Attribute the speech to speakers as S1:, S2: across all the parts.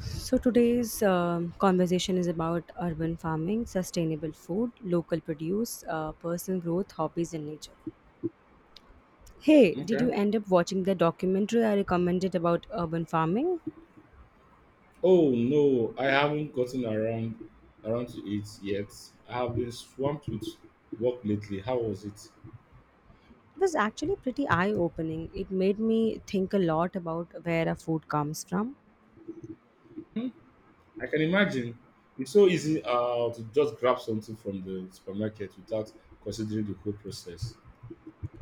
S1: So, today's conversation is about urban farming, sustainable food, local produce, personal growth, hobbies, and nature. Hey, did you
S2: Okay.
S1: end up watching the documentary I recommended about urban farming?
S2: Oh no, I haven't gotten around to it yet. I have been swamped with work lately. How was it?
S1: It was actually pretty eye opening. It made me think a lot about where our food comes from.
S2: Hmm, I can imagine. It's so easy to just grab something from the supermarket without considering the whole process.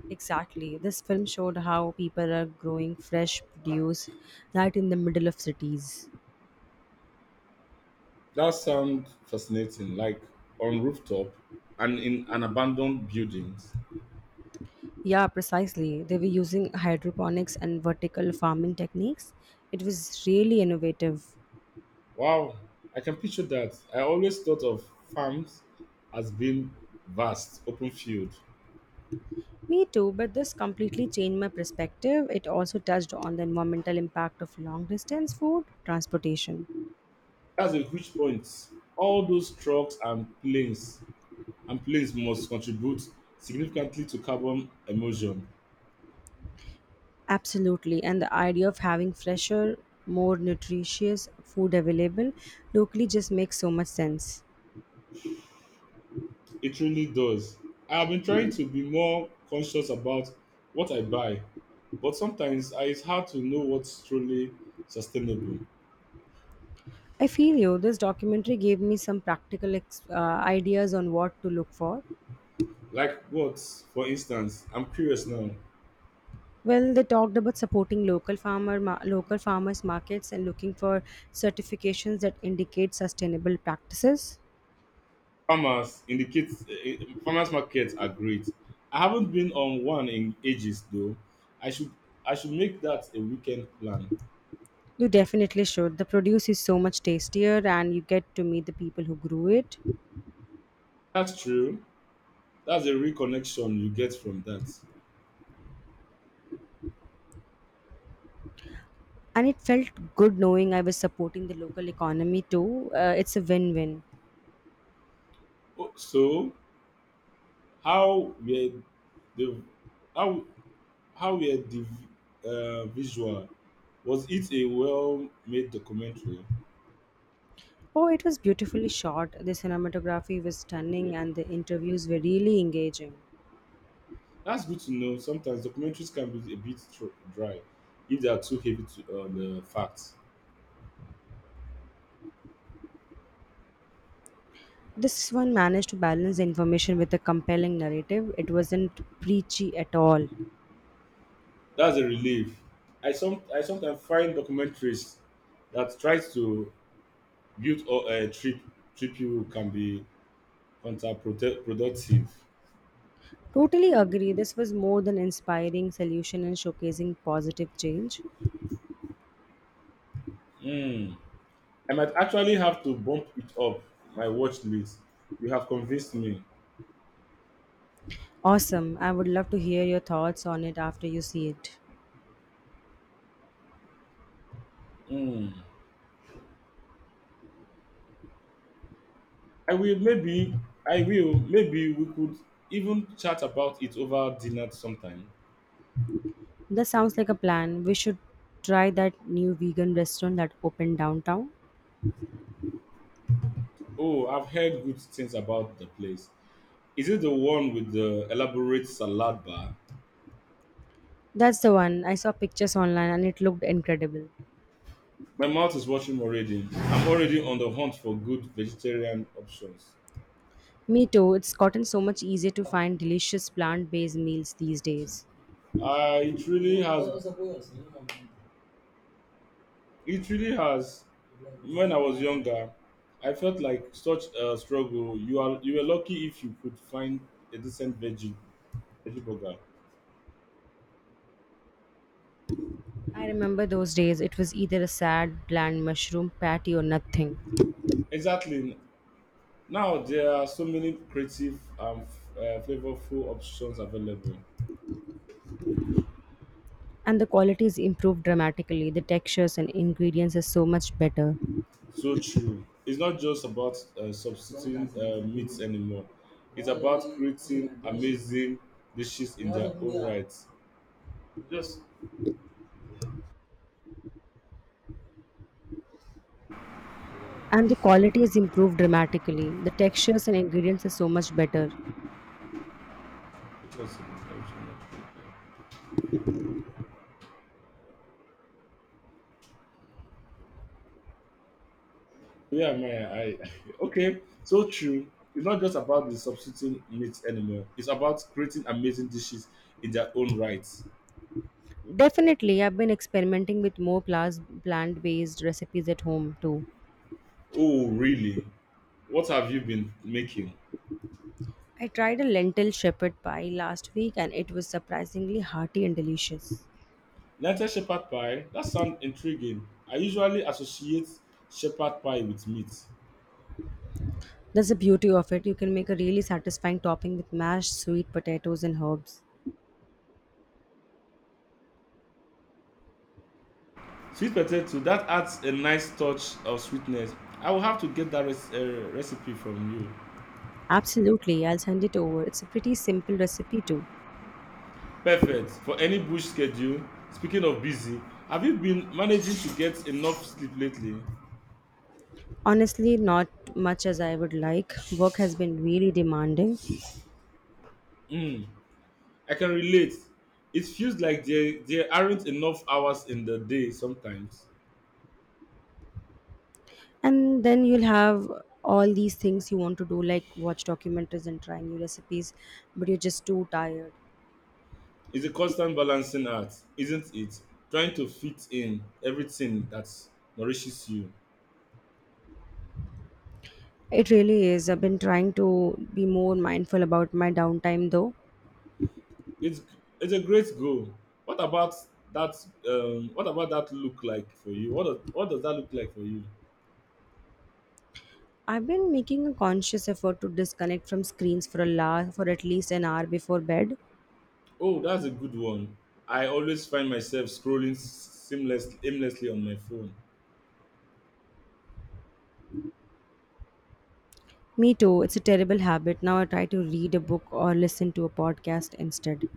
S1: Exactly. This film showed how people are growing fresh produce right in the middle of cities.
S2: That sounds fascinating, like on rooftop and in an abandoned buildings.
S1: Yeah, precisely. They were using hydroponics and vertical farming techniques. It was really innovative.
S2: Wow, I can picture that. I always thought of farms as being vast, open field.
S1: Me too, but this completely changed my perspective. It also touched on the environmental impact of long distance food transportation.
S2: That's a huge point. All those trucks and planes must contribute significantly to carbon emission.
S1: Absolutely, and the idea of having fresher, more nutritious food available locally just makes so much sense.
S2: It really does. I have been trying to be more conscious about what I buy, but sometimes it's hard to know what's truly sustainable.
S1: I feel you, this documentary gave me some ideas on what to look for.
S2: Like what, for instance, I'm curious now.
S1: Well, they talked about supporting local farmers markets and looking for certifications that indicate sustainable practices.
S2: Farmers indicate farmers markets are great. I haven't been on one in ages though. I should I should make that a weekend plan.
S1: You definitely should. The produce is so much tastier and you get to meet the people who grew it.
S2: That's true. That's a real connection you get from that.
S1: And it felt good knowing I was supporting the local economy too. It's a win-win.
S2: Oh, So, how were the how how were the visual? Was it a well-made documentary?
S1: Oh, it was beautifully shot. The cinematography was
S2: Eh,
S1: stunning and the interviews were really engaging.
S2: That's good to know. Sometimes documentaries can be a bit dry if they are too heavy on the facts.
S1: This one managed to balance the information with a compelling narrative. It wasn't preachy at all.
S2: That's a relief. I sometimes find documentaries that tries to build or trip you can be counterproductive.
S1: Totally agree. This was more than inspiring solution and showcasing positive change.
S2: Hmm. I might actually have to bump it up my watch list. You have convinced me.
S1: Awesome. I would love to hear your thoughts on it after you see it.
S2: Hmm. I will maybe I will maybe we could even chat about it over dinner sometime.
S1: That sounds like a plan. We should try that new vegan restaurant that opened downtown.
S2: Oh, I've heard good things about the place. Is it the one with the elaborate salad bar?
S1: That's the one. I saw pictures online and it looked incredible.
S2: My mouth is watering already. I'm already on the hunt for good vegetarian options.
S1: Me too. It's gotten so much easier to find delicious plant based meals these days.
S2: Uh, it really has It really has. When I was younger, I felt like such a struggle. You were lucky if you could find a decent veggie burger.
S1: I remember those days. It was either a sad, bland mushroom patty or nothing.
S2: Exactly. Now there are so many creative and flavorful options available.
S1: And the quality is improved dramatically, the textures and ingredients are so much better
S2: So true. It's not just about substituting meats anymore. It's about creating amazing dishes in their own right. Just
S1: and the quality is improved dramatically the textures and ingredients are so much better.
S2: it was. Yeah, man. I okay. So true. It's not just about the substituting meat anymore. It's about creating amazing dishes in their own right.
S1: Definitely, I've been experimenting with more plant-based recipes at home too.
S2: Oh, really? What have you been making?
S1: I tried a lentil shepherd pie last week and it was surprisingly hearty and delicious.
S2: Lentil shepherd pie. That sounds intriguing. I usually associate shepherd pie with meat.
S1: That's the beauty of it, you can make a really satisfying topping with mashed sweet potatoes and herbs.
S2: Sweet potato. That adds a nice touch of sweetness. I will have to get that recipe from you.
S1: Absolutely, I'll send it over, it's a pretty simple recipe too.
S2: Perfect for any bush schedule. Speaking of busy, have you been managing to get enough sleep lately?
S1: Honestly, not much as I would like. Work has been really demanding.
S2: Mm, I can relate. It feels like there aren't enough hours in the day sometimes.
S1: And then you'll have all these things you want to do, like watch documentaries and try new recipes, but you're just too tired.
S2: It's a constant balancing act, isn't it? Trying to fit in everything that nourishes you.
S1: It really is. I've been trying to be more mindful about my downtime though.
S2: It's it's a great goal. What about that? What about that look like for you? What does that look like for you?
S1: I've been making a conscious effort to disconnect from screens for for at least an hour before bed.
S2: Oh, that's a good one. I always find myself aimlessly on my phone.
S1: Me too. It's a terrible habit. Now I try to read a book or listen to a podcast instead.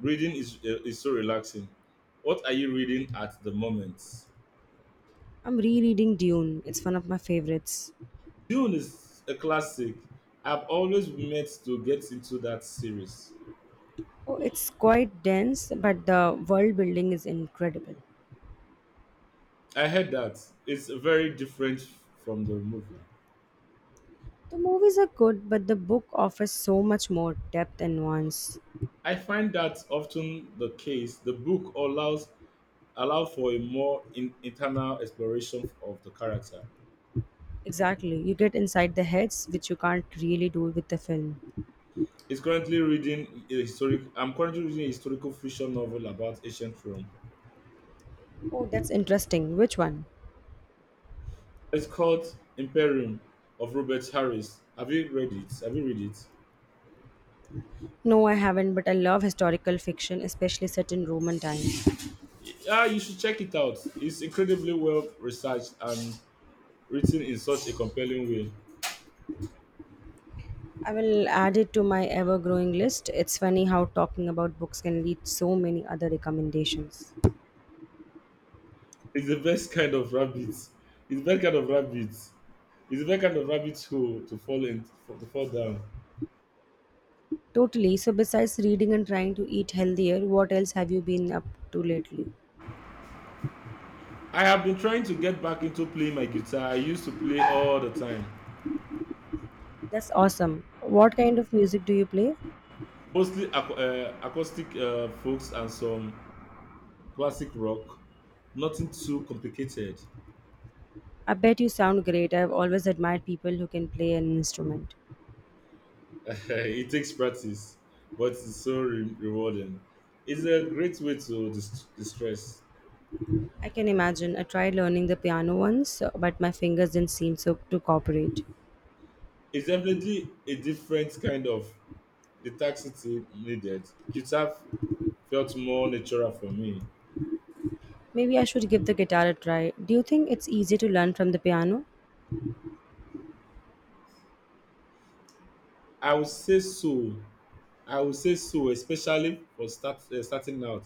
S2: Reading is so relaxing. What are you reading at the moment?
S1: I'm rereading Dune. It's one of my favorites.
S2: Dune is a classic. I've always meant to get into that series.
S1: Oh, it's quite dense, but the world building is incredible.
S2: I heard that it's very different from the movie.
S1: The movies are good, but the book offers so much more depth and nuance.
S2: I find that often the case. The book allows Allow for a more internal exploration of the character.
S1: Exactly. You get inside the heads, which you can't really do with the film.
S2: It's currently reading a historic. I'm currently reading a historical fiction novel about ancient Rome.
S1: Oh, that's interesting. Which one?
S2: It's called Imperium of Robert Harris. Have you read it?
S1: No, I haven't, but I love historical fiction, especially set in Roman times.
S2: Yeah, you should check it out. It's incredibly well researched and written in such a compelling way.
S1: I will add it to my ever growing list. It's funny how talking about books can lead so many other recommendations.
S2: It's the best kind of rabbit. It's the best kind of rabbit. It's the best kind of rabbit hole to fall down.
S1: Totally. So, besides reading and trying to eat healthier, what else have you been up to lately?
S2: I have been trying to get back into playing my guitar. I used to play all the time,
S1: That's awesome. What kind of music do you play?
S2: mostly acoustic folks and some classic rock. Nothing too complicated.
S1: I bet you sound great. I've always admired people who can play an instrument.
S2: It takes practice, but it's so rewarding. It's a great way to distress.
S1: I can imagine. I tried learning the piano once, but my fingers didn't seem so to cooperate.
S2: It's definitely a different kind of detoxity needed. Guitar felt more natural for me.
S1: Maybe I should give the guitar a try. Do you think it's easy to learn from the piano?
S2: I would say so. I would say so, especially for starting out.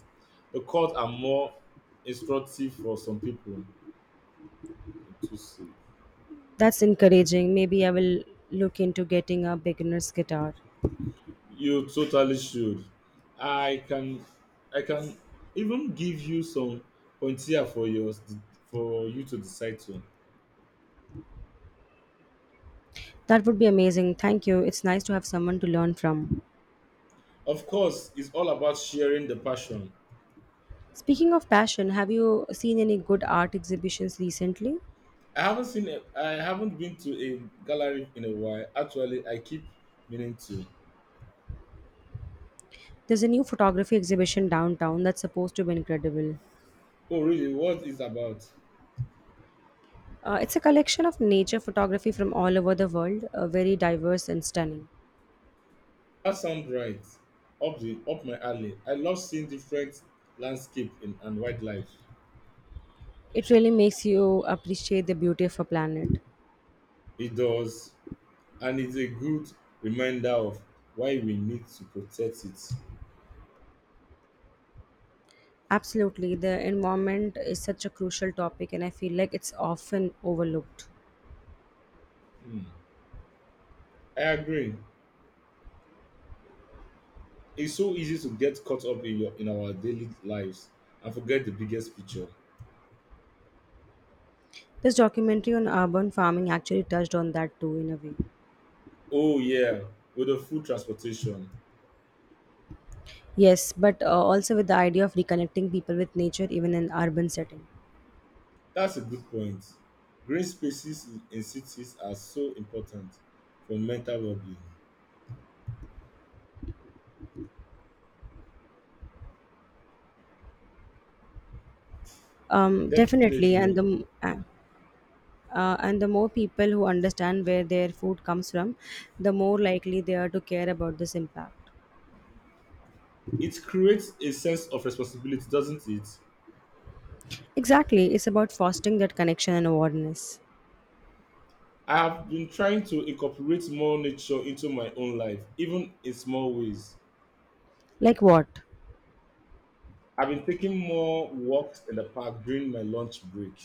S2: The chords are more instructive for some people to see.
S1: That's encouraging. Maybe I will look into getting a beginner's guitar.
S2: You totally should. I can I can even give you some pointier for yours for you to decide to.
S1: That would be amazing. Thank you. It's nice to have someone to learn from.
S2: Of course, it's all about sharing the passion.
S1: Speaking of passion, have you seen any good art exhibitions recently?
S2: I haven't been to a gallery in a while. Actually, I keep meaning to.
S1: There's a new photography exhibition downtown that's supposed to be incredible.
S2: Oh, really? What is about?
S1: It's a collection of nature photography from all over the world, very diverse and stunning.
S2: That sounds right. Up my alley. I love seeing different landscape and wildlife.
S1: It really makes you appreciate the beauty of our planet.
S2: It does. And it's a good reminder of why we need to protect it.
S1: Absolutely, the environment is such a crucial topic, and I feel like it's often overlooked.
S2: Hmm. I agree. It's so easy to get caught up in your in our daily lives and forget the biggest picture.
S1: This documentary on urban farming actually touched on that too, in a way.
S2: Oh yeah, with the food transportation.
S1: Yes, but also with the idea of reconnecting people with nature even in urban setting.
S2: That's a good point. Green spaces in cities are so important for mental well-being.
S1: Um, definitely, and
S2: Definitely,
S1: the m- uh, uh, and the more people who understand where their food comes from, the more likely they are to care about this impact.
S2: it creates a sense of responsibility, doesn't it?
S1: Exactly, it's about fostering that connection and awareness.
S2: I have been trying to incorporate more nature into my own life, even in small ways.
S1: Like what?
S2: I've been taking more walks in the park during my lunch break.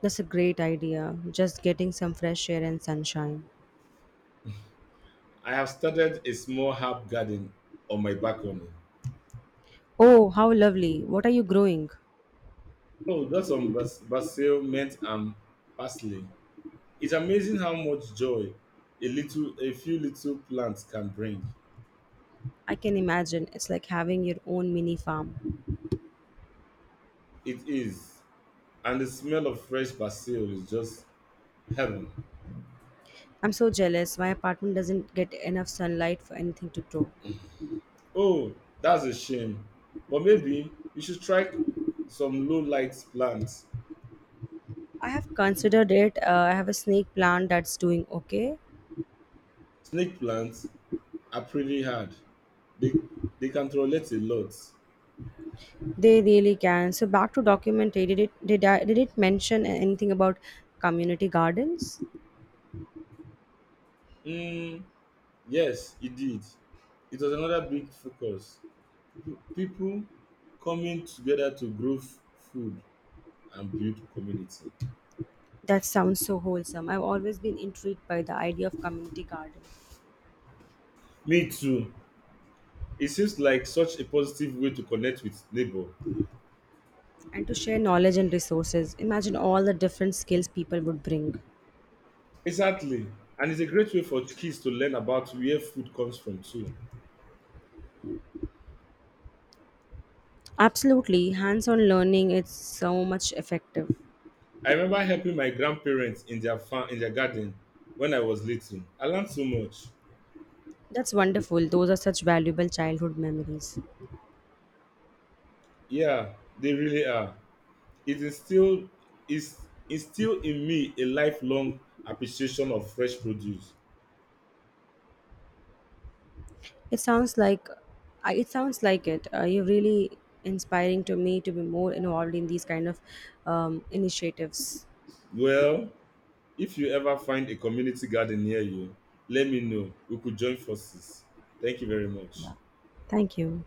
S1: That's a great idea. Just getting some fresh air and sunshine.
S2: I have started a small herb garden on my balcony.
S1: Oh, how lovely! What are you growing?
S2: Oh, got some basil, mint, and parsley. It's amazing how much joy a few little plants can bring.
S1: I can imagine. It's like having your own mini farm.
S2: It is, and the smell of fresh basil is just heaven.
S1: I'm so jealous. My apartment doesn't get enough sunlight for anything to grow.
S2: Oh, that's a shame, but maybe you should try some low light plants,
S1: I have considered it. I have a snake plant that's doing okay.
S2: snake plants, are pretty hard. They they can relate a lot.
S1: They really can. So back to documentary. Did it mention anything about community gardens?
S2: Mm, yes, it did. It was another big focus. People coming together to grow food and build community.
S1: That sounds so wholesome. I've always been intrigued by the idea of community garden
S2: Me too. It seems like such a positive way to connect with neighbor.
S1: and to share knowledge and resources. Imagine all the different skills people would bring.
S2: Exactly. And it's a great way for kids to learn about where food comes from too.
S1: Absolutely, hands-on learning is so much effective.
S2: I remember helping my grandparents in their garden when I was little. I learned so much.
S1: That's wonderful. Those are such valuable childhood memories.
S2: Yeah, they really are. It instilled, is Instilled in me a lifelong appreciation of fresh produce.
S1: It sounds like it sounds like it. You're really inspiring to me to be more involved in these kind of initiatives.
S2: Well, if you ever find a community garden near you, let me know. We could join forces. Thank you very much.
S1: Thank you.